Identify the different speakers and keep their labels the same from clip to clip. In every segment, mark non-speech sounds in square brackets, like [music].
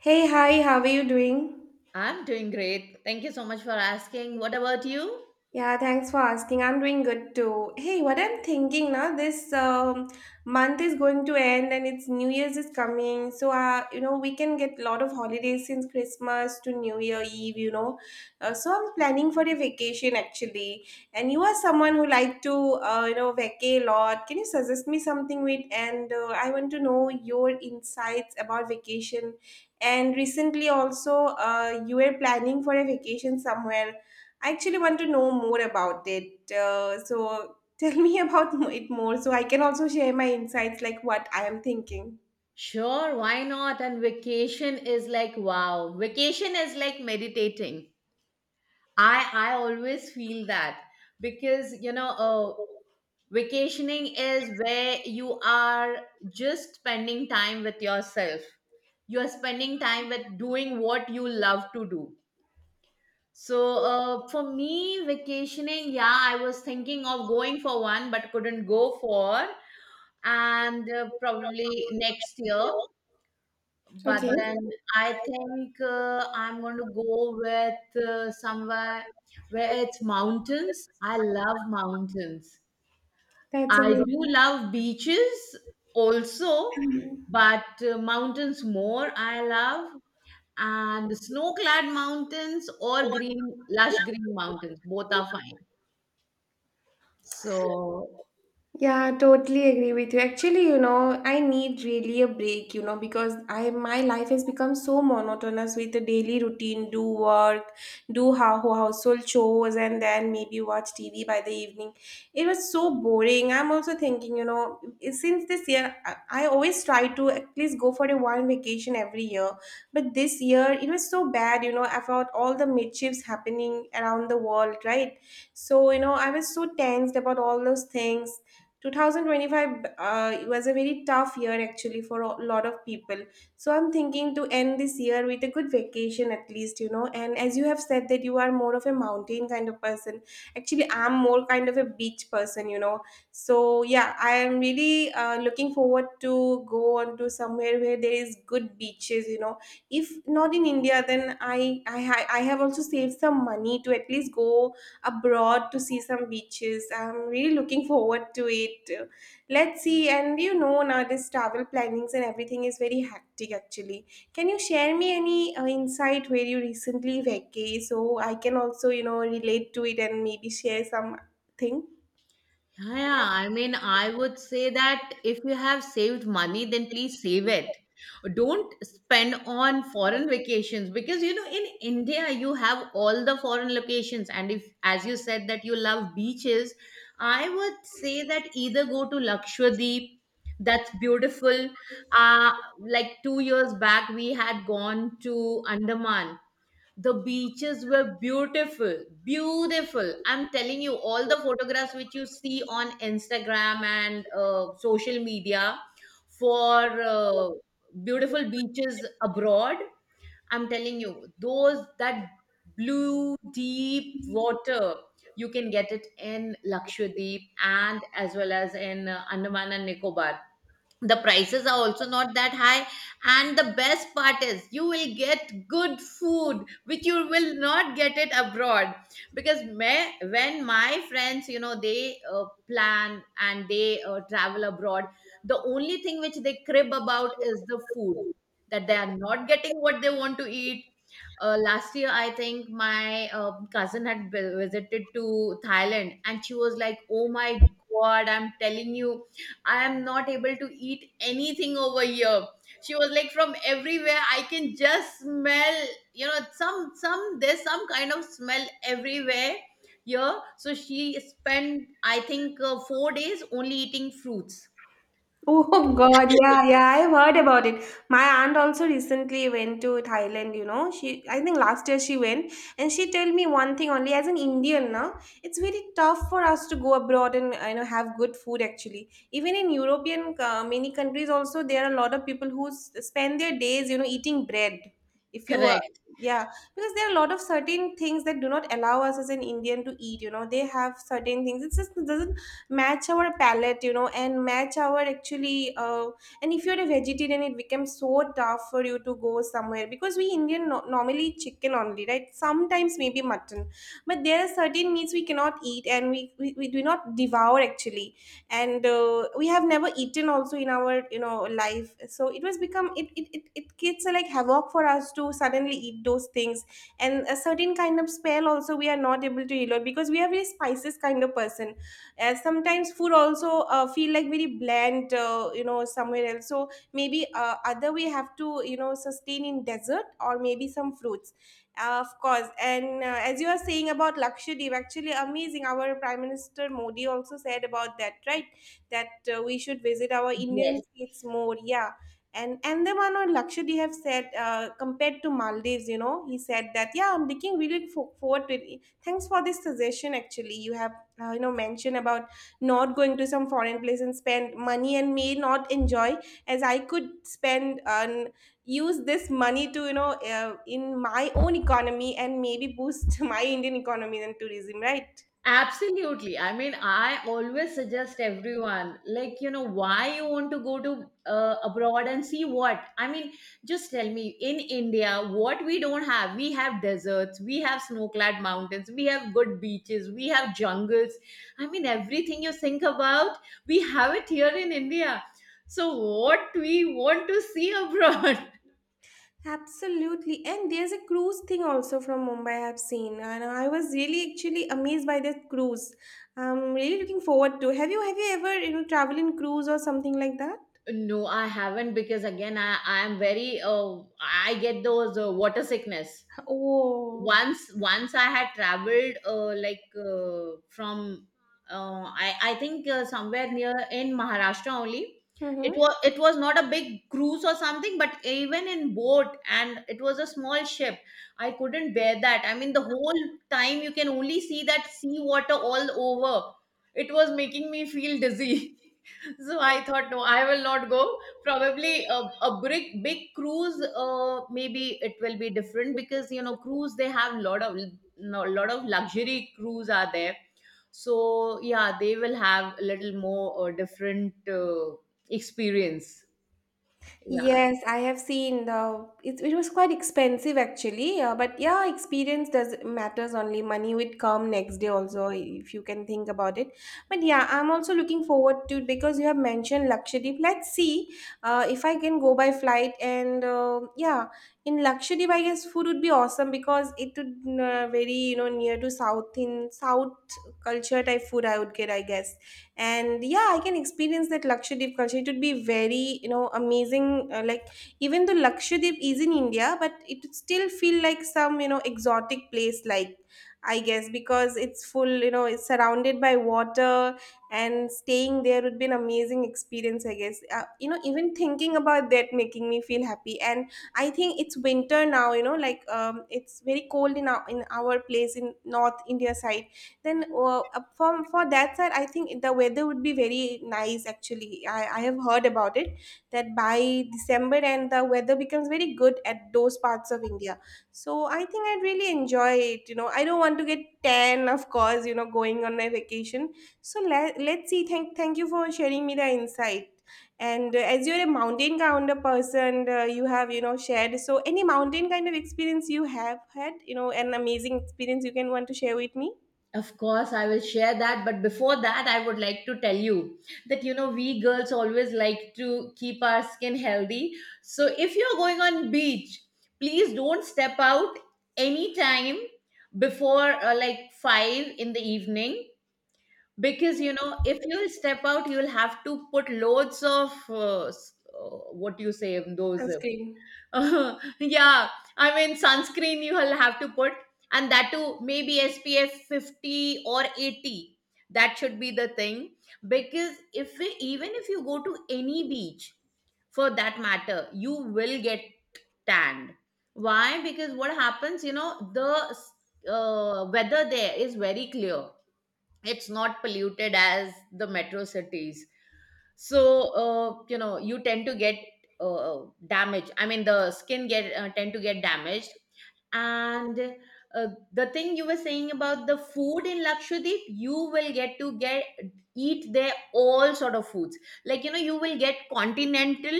Speaker 1: Hey, hi, how are you doing?
Speaker 2: I'm doing great. Thank you so much for asking. What about you?
Speaker 1: Yeah, thanks for asking. I'm doing good too. Hey, what I'm thinking now, this month is going to end and it's New Year's is coming. So, we can get a lot of holidays since Christmas to New Year Eve. So I'm planning for a vacation actually. And you are someone who like to, vacay a lot. Can you suggest me something with? And I want to know your insights about vacation. And recently also, you were planning for a vacation somewhere. I actually want to know more about it. So tell me [laughs] about it more, so I can also share my insights, like what I am thinking.
Speaker 2: Sure, why not? And vacation is like wow. Vacation is like meditating. I always feel that because vacationing is where you are just spending time with yourself. You are spending time with doing what you love to do. So for me, vacationing, yeah, I was thinking of going for one, but couldn't go for, and probably next year.
Speaker 1: Okay,
Speaker 2: But then I think I'm going to go with somewhere where it's mountains. I love mountains.
Speaker 1: that's
Speaker 2: I
Speaker 1: amazing.
Speaker 2: do love beaches also, but mountains more I love and snow-clad mountains or green lush green mountains both are fine so
Speaker 1: Yeah, totally agree with you. Actually, I need really a break, you know, because I my life has become so monotonous with the daily routine: do work, do how household chores, and then maybe watch TV by the evening. It was so boring. I'm also thinking, since this year I always try to at least go for a one vacation every year, but this year it was so bad, about all the mischiefs happening around the world, right? So, I was so tensed about all those things. 2025, it was a very tough year actually for a lot of people. So I'm thinking to end this year with a good vacation at least, and as you have said that you are more of a mountain kind of person, actually I'm more kind of a beach person. You know so yeah, I am really looking forward to go on to somewhere where there is good beaches. You know if not in India, then I have also saved some money to at least go abroad to see some beaches. I'm really looking forward to it. Let's see. And nowadays travel plannings and everything is very hectic actually. Can you share me any insight where you recently vacay, so I can also, relate to it and maybe share some thing?
Speaker 2: yeah, yeah. I mean, I would say that if you have saved money, then please save it. Don't spend on foreign vacations because you know in India you have all the foreign locations, and if as you said that you love beaches, I would say that either go to Lakshadweep, that's beautiful. Uh, like 2 years back, we had gone to Andaman, the beaches were beautiful, beautiful. I'm telling you, all the photographs which you see on Instagram and social media for beautiful beaches abroad, I'm telling you, those that blue, deep water, you can get it in Lakshadweep and as well as in Andaman and Nicobar. The prices are also not that high and the best part is you will get good food which you will not get it abroad, because me, when my friends you know they plan and they travel abroad, the only thing which they crib about is the food, that they are not getting what they want to eat. Last year I think my cousin had visited to Thailand and she was like, oh my god, I'm telling you, I am not able to eat anything over here. She was like, from everywhere I can just smell, you know, some there's some kind of smell everywhere here. So she spent, I think, 4 days only eating fruits.
Speaker 1: Oh God, yeah, yeah, I've heard about it. My aunt also recently went to Thailand. She I think last year she went, and she told me one thing only. As an Indian now, it's very tough for us to go abroad and have good food actually. Even in European, many countries also, there are a lot of people who spend their days, eating bread. If you
Speaker 2: Correct.
Speaker 1: Yeah, because there are a lot of certain things that do not allow us as an Indian to eat. You know. They have certain things. It just doesn't match our palate and match our actually. And if you're a vegetarian, it becomes so tough for you to go somewhere, because we Indian normally chicken only, right? Sometimes maybe mutton, but there are certain meats we cannot eat and we do not devour actually. And we have never eaten also in our life. So it was become it creates a like havoc for us to suddenly eat those things. And a certain kind of smell also we are not able to elope, because we are very spices kind of person, as sometimes food also feel like very bland, somewhere else. So maybe, other, we have to sustain in desert, or maybe some fruits. Of course. And as you are saying about Lakshadweep, actually amazing, our Prime Minister Modi also said about that, right? That we should visit our
Speaker 2: Yes.
Speaker 1: Indian states more, yeah. And Andaman or Lakshadweep have said, compared to Maldives, he said that. Yeah, I'm looking really forward to it. Thanks for this suggestion. Actually, you have mention about not going to some foreign place and spend money and may not enjoy, as I could spend and use this money to, in my own economy and maybe boost [laughs] my Indian economy and tourism, right?
Speaker 2: Absolutely. I mean, I always suggest everyone, like, you know, why you want to go to abroad and see what? I mean, just tell me, in India, what we don't have. We have deserts, we have snow clad mountains, we have good beaches, we have jungles. I mean, everything you think about, we have it here in India. So, what we want to see abroad? [laughs]
Speaker 1: Absolutely. And there's a cruise thing also from Mumbai I've seen. And I was really actually amazed by that cruise. I'm really looking forward to. Have you ever, travel in cruise or something like that?
Speaker 2: No, I haven't because again, I am very, I get those water sickness.
Speaker 1: Oh.
Speaker 2: Once I had traveled like from I think somewhere near in Maharashtra only.
Speaker 1: Mm-hmm.
Speaker 2: It was not a big cruise or something, but even in boat, and it was a small ship, I couldn't bear that. I mean, the whole time you can only see that sea water all over. It was making me feel dizzy. [laughs] So I thought, no, I will not go. Probably a big, big cruise, maybe it will be different because, you know, cruise, they have lot of, no, lot of luxury cruise are there. So yeah, they will have a little more different experience. Yeah.
Speaker 1: Yes, I have seen it was quite expensive actually, but yeah, experience does matters only. Money would come next day also if you can think about it. But yeah, I'm also looking forward to, because you have mentioned Lakshadweep. Let's see, if I can go by flight. And yeah, in Lakshadweep I guess food would be awesome, because it would, very near to South, in South culture type food I would get, I guess. And yeah, I can experience that Lakshadweep culture. It would be very, amazing, like, even though Lakshadweep is in India but it would still feel like some, exotic place, like, I guess, because it's full, it's surrounded by water. And staying there would be an amazing experience, I guess. Even thinking about that making me feel happy. And I think it's winter now, it's very cold in our place in North India side. Then from for that side, I think the weather would be very nice actually. I have heard about it, that by December and the weather becomes very good at those parts of India. So I think I'd really enjoy it. I don't want to get tan, of course, going on my vacation. So let's see. Thank you for sharing me the insight. And as you're a mountain kind of person, you have, shared. So any mountain kind of experience you have had, an amazing experience, you can want to share with me?
Speaker 2: Of course, I will share that. But before that, I would like to tell you that you know, we girls always like to keep our skin healthy. So if you're going on beach, please don't step out anytime before like five in the evening, because you know if you'll step out, you'll have to put loads of what do you say those
Speaker 1: Interesting.
Speaker 2: [laughs] yeah, I mean, sunscreen you will have to put, and that too maybe SPF 50 or 80. That should be the thing, because if we, even if you go to any beach for that matter, you will get tanned. Why? Because what happens, you know, the weather there is very clear, it's not polluted as the metro cities, so you know, you tend to get uh, damage. I mean, the skin get tend to get damaged. And uh, the thing you were saying about the food in Lakshadweep, you will get to get eat there all sort of foods. Like you know, you will get continental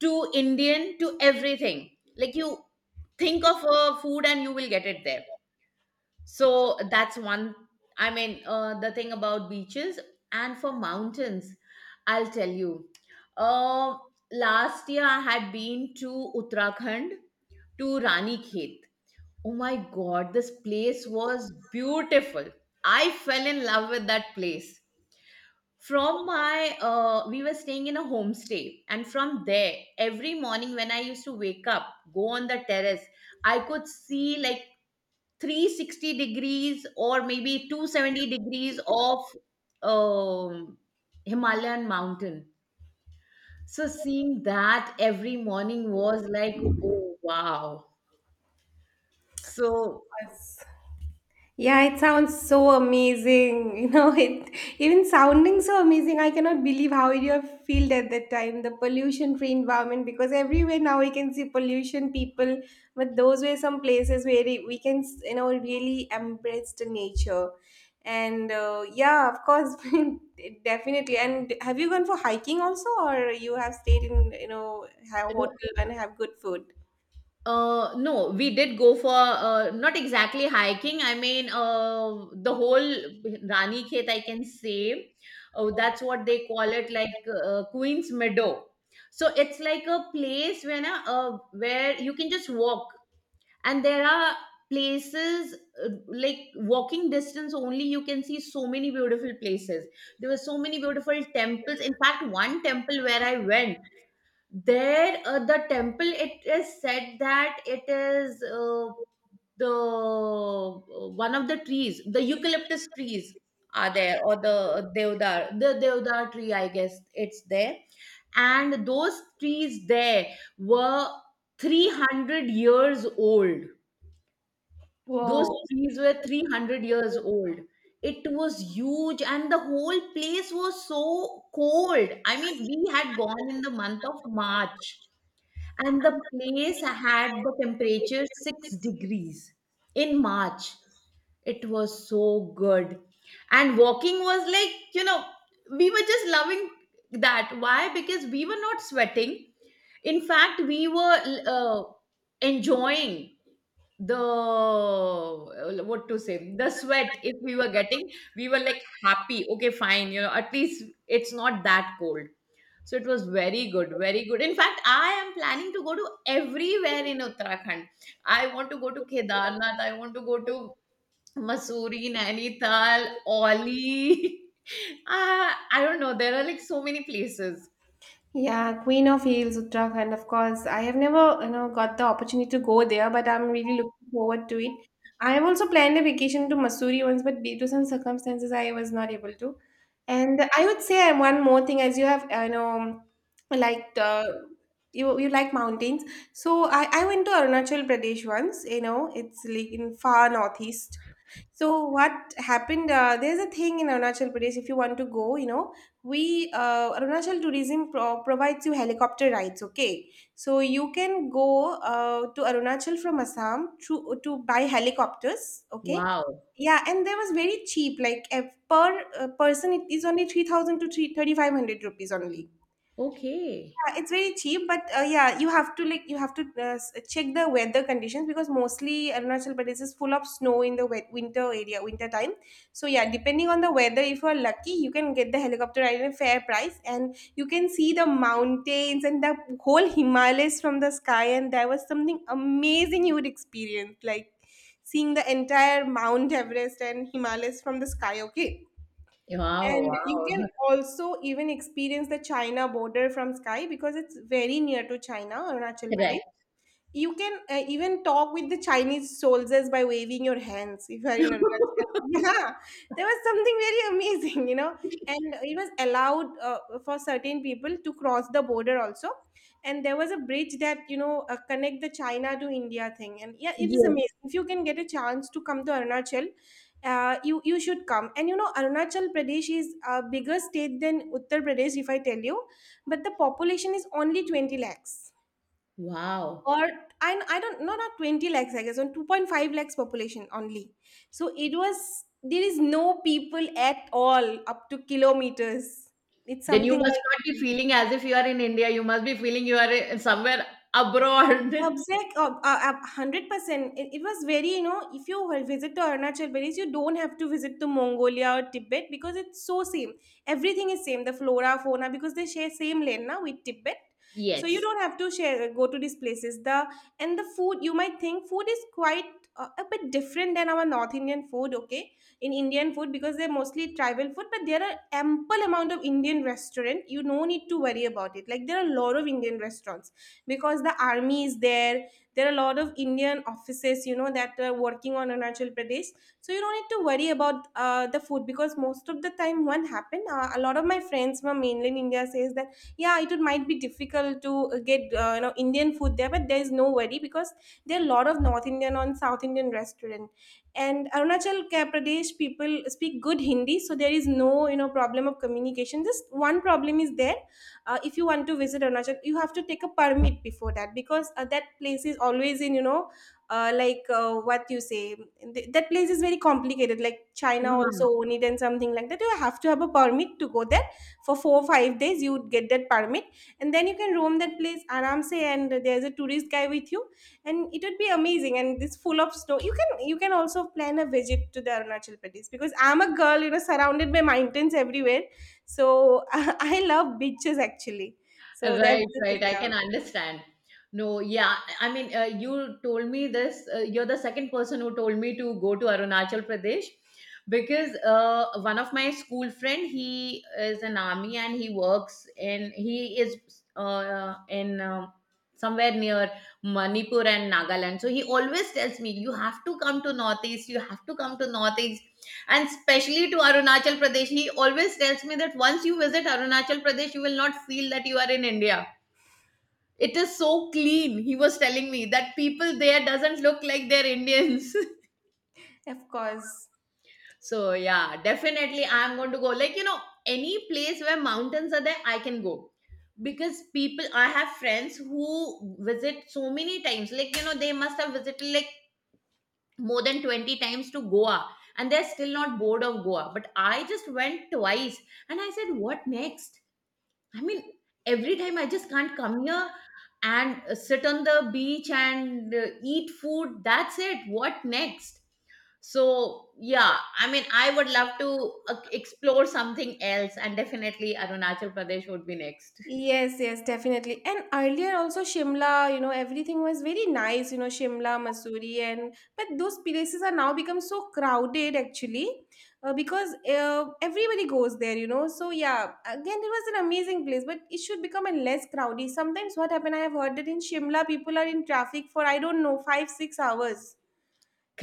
Speaker 2: to Indian to everything. Like you think of a food and you will get it there. So that's one. I mean, the thing about beaches. And for mountains, I'll tell you. Um Last year I had been to Uttarakhand, to Rani Khet. Oh my God, this place was beautiful. I fell in love with that place. From my, we were staying in a homestay, and from there, every morning when I used to wake up, go on the terrace, I could see like 360 degrees or maybe 270 degrees of um, Himalayan mountain. So seeing that every morning was like, oh wow. So
Speaker 1: Yes. Yeah, it sounds so amazing. [laughs] It even sounding so amazing, I cannot believe how you have felt at that time, the pollution free environment, because everywhere now we can see pollution people, but those were some places where we can, really embrace the nature. And yeah, of course, [laughs] definitely. And have you gone for hiking also, or you have stayed in, a hotel and have good food?
Speaker 2: no, we did go for not exactly hiking. I mean, the whole Rani Khet, I can say, oh, that's what they call it, like Queen's Meadow. So it's like a place when where you can just walk, and there are places like walking distance only. You can see so many beautiful places. There were so many beautiful temples. In fact, one temple where I went there, the temple, it is said that it is the one of the trees, the eucalyptus trees are there, or the deodar tree I guess, it's there. And those trees there were 300 years old. Those
Speaker 1: Whoa.
Speaker 2: trees were 300 years
Speaker 1: [laughs]
Speaker 2: old. It was huge, and the whole place was so cold. I mean, we had gone in the month of March, and the place had the temperature 6 degrees in March. It was so good. And walking was like, you know, we were just loving that. Why? Because we were not sweating. In fact, we were uh, enjoying the what to say, the sweat, if we were getting, we were like happy, okay fine, you know, at least it's not that cold. So it was very good, very good. In fact, I am planning to go to everywhere in Uttarakhand. I want to go to Kedarnath, I want to go to Mussoorie, Nainital, Oli. [laughs] I don't know, there are like so many places.
Speaker 1: Yeah, Queen of Hills, Uttarakhand. Of course, I have never, got the opportunity to go there, but I'm really looking forward to it. I have also planned a vacation to Missouri once, but due to some circumstances, I was not able to. And I would say, one more thing. As you have, like uh, you like mountains. So I went to Arunachal Pradesh once. It's like in far northeast. So what happened? There's a thing in Arunachal Pradesh. If you want to go, you know, we Arunachal Tourism provides you helicopter rides. Okay, so you can go, to Arunachal from Assam to buy helicopters. Okay,
Speaker 2: Wow.
Speaker 1: yeah, and there was very cheap. Like if per person, it is only 3,000 to three thirty five hundred rupees only.
Speaker 2: Okay.
Speaker 1: Yeah, it's very cheap, but yeah, you have to check the weather conditions, because mostly Arunachal Pradesh is full of snow in the wet winter area, winter time. So yeah, depending on the weather, if you are lucky, you can get the helicopter at a fair price, and you can see the mountains and the whole Himalayas from the sky. And that was something amazing you would experience, like seeing the entire Mount Everest and Himalayas from the sky. Okay.
Speaker 2: Wow,
Speaker 1: And you
Speaker 2: wow. [laughs]
Speaker 1: can also even experience the China border from sky, because it's very near to China, Arunachal
Speaker 2: Correct.
Speaker 1: Pradesh. You can, even talk with the Chinese soldiers by waving your hands if you are in a Russian. [laughs]
Speaker 2: [laughs]
Speaker 1: Yeah, there was something very amazing. And it was allowed, for certain people to cross the border also. And there was a bridge that, connect the China to India thing. And yeah, it is
Speaker 2: Yes.
Speaker 1: amazing. If you can get a chance to come to Arunachal, you should come. And Arunachal Pradesh is a bigger state than Uttar Pradesh, if I tell you, but the population is only 20 lakhs.
Speaker 2: Wow.
Speaker 1: Or I don't know, not 20 lakhs I guess, on 2.5 lakhs population only. So it was there is no people at all up to kilometers. It's
Speaker 2: Then you
Speaker 1: something
Speaker 2: must
Speaker 1: like.
Speaker 2: not be feeling as if you are in India. You must be feeling you are in- somewhere abroad. [laughs]
Speaker 1: Exact, 100%. It was very, you know, if you will visit the Arunachal Pradesh, you don't have to visit to Mongolia or Tibet because it's so same. Everything is same. The flora, fauna, because they share same land now with Tibet, so you
Speaker 2: Yes.
Speaker 1: don't have to share go to these places. The and the food, you might think food is quite a bit different than our North Indian food. Okay, in Indian food, because they're mostly tribal food, but there are ample amount of Indian restaurant. You no need to worry about it. Like there are a lot of Indian restaurants because the army is there. There are a lot of Indian offices, you know, that are working on Arunachal Pradesh. So you don't need to worry about the food because most of the time what happened, a lot of my friends from mainland India says that yeah, it would, might be difficult to get, you know, Indian food there, but there is no worry because there are a lot of North Indian on South Indian restaurant. And Arunachal Pradesh people speak good Hindi, so there is no, you know, problem of communication. Just one problem is there. If you want to visit Arunachal, you have to take a permit before that because that place is always in, you know, like what you say, th- that place is very complicated. Like China also own it and something like that. You have to have a permit to go there for 4 or 5 days. You would get that permit and then you can roam that place aramse, and there's a tourist guy with you, and it would be amazing, and it's full of snow. You can also plan a visit to the Arunachal Pradesh. Because I'm a girl, you know, surrounded by mountains everywhere. So [laughs] I love beaches actually. So that's
Speaker 2: Right,
Speaker 1: the thing,
Speaker 2: right. I
Speaker 1: yeah.
Speaker 2: can understand. No, yeah. I mean, you told me this. You're the second person who told me to go to Arunachal Pradesh, because one of my school friend, he is an army and he works in, he is in somewhere near Manipur and Nagaland. So he always tells me, you have to come to Northeast. You have to come to Northeast, and especially to Arunachal Pradesh. He always tells me that once you visit Arunachal Pradesh, you will not feel that you are in India. It is so clean. He was telling me that people there doesn't look like they're Indians.
Speaker 1: Of course.
Speaker 2: [laughs] So yeah, definitely I'm going to go. Like you know, any place where mountains are there, I can go because people. I have friends who visit so many times. Like you know, they must have visited like more than 20 times to Goa, and they're still not bored of Goa. But I just went twice, and I said, what next? I mean, every time I just can't come here and sit on the beach and eat food. That's it. What next? So, yeah, I mean, I would love to explore something else, and definitely Arunachal Pradesh would be next. [laughs]
Speaker 1: Yes, yes, definitely. And earlier also Shimla, you know, everything was very nice, you know, Shimla, Missouri, and but those places are now become so crowded actually, because everybody goes there, you know. So yeah, again, it was an amazing place, but it should become a less crowded. Sometimes what happened, I have heard that in Shimla, people are in traffic for I don't know five, 6 hours,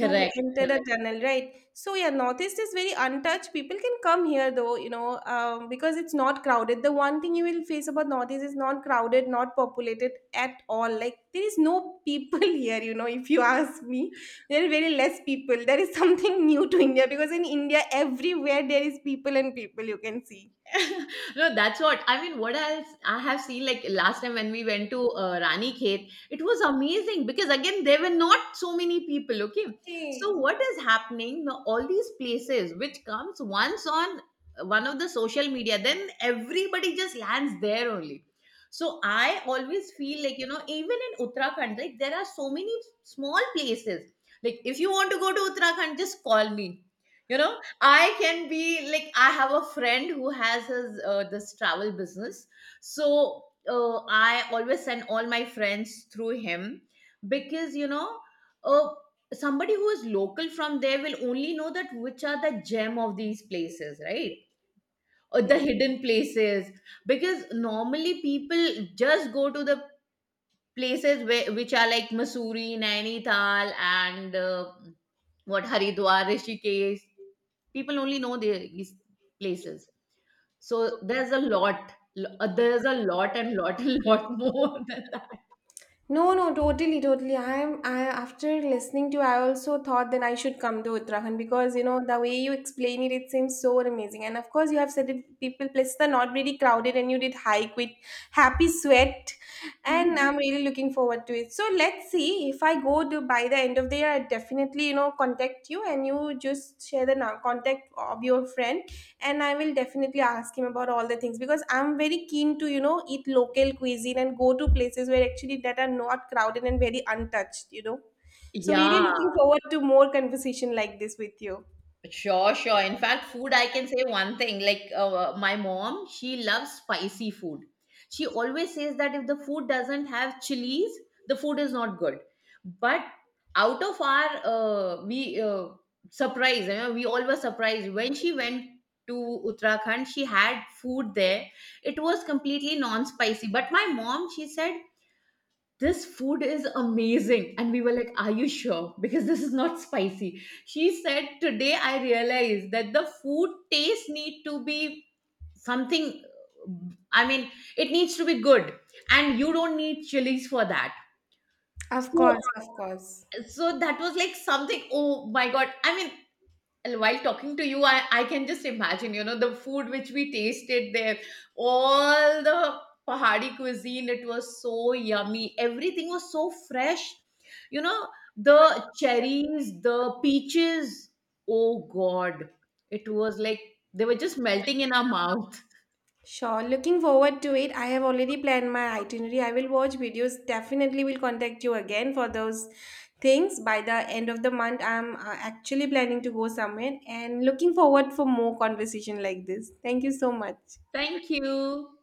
Speaker 1: to enter the
Speaker 2: Correct.
Speaker 1: tunnel, right? So yeah, northeast is very untouched. People can come here though, you know, because it's not crowded. The one thing you will face about northeast is not crowded, not populated at all. Like there is no people [laughs] here, you know. If you ask me, there are very less people. That is something [laughs] new to India because in India, everywhere there is people and people you can see.
Speaker 2: [laughs] No, that's what I mean. What else I have seen, like last time when we went to Rani Khet, it was amazing because again there were not so many people. Okay,
Speaker 1: Okay.
Speaker 2: so what is happening? Now, all these places which comes once on one of the social media, then everybody just lands there only. So I always feel like you know, even in Uttarakhand, like there are so many small places. Like if you want to go to Uttarakhand, just call me. You know, I can be like, I have a friend who has his this travel business, so I always send all my friends through him, because you know, uh, somebody who is local from there will only know that which are the gem of these places, right? Or the hidden places, because normally people just go to the places where, which are like Missouri, Nainital, and what, Haridwar, Rishikesh. People only know these places. So there's a lot. There's a lot and lot and lot [laughs] more than that.
Speaker 1: No, no, totally, totally. I after listening to you, I also thought that I should come to Uttarakhand because, you know, the way you explain it, it seems so amazing. And of course, you have said it, people places are not really crowded, and you did hike with happy sweat, and I'm
Speaker 2: [laughs]
Speaker 1: really looking forward to it. So let's see, if I go to by the end of the year, I definitely, you know, contact you, and you just share the contact of your friend, and I will definitely ask him about all the things because I'm very keen to, you know, eat local cuisine and go to places where actually that are not crowded and very untouched, you know. So really
Speaker 2: Yeah.
Speaker 1: looking forward to more conversation like this with you.
Speaker 2: Sure, sure. In fact, food, I can say one thing. Like my mom, she loves spicy food. She always says that if the food doesn't have chilies, the food is not good. But out of our, we surprised, you know, we all were surprised when she went to Uttarakhand. She had food there. It was completely non-spicy. But my mom, she said this food is amazing, and we were like, are you sure? Because this is not spicy. She said, today I realized that the food taste need to be something. I mean, it needs to be good, and you don't need chilies for that.
Speaker 1: Of
Speaker 2: So
Speaker 1: course, of course.
Speaker 2: so that was like something, oh my god, I mean, and while talking to you, I can just imagine, you know, the food which we tasted there, all the Pahadi cuisine, it was so yummy. Everything was so fresh. You know, the cherries, the peaches. Oh God. It was like they were just melting in our mouth.
Speaker 1: Sure, looking forward to it. I have already planned my itinerary. I will watch videos. Definitely will contact you again for those things. By the end of the month, I'm actually planning to go somewhere, and looking forward for more conversation like this. Thank you so much.
Speaker 2: Thank you.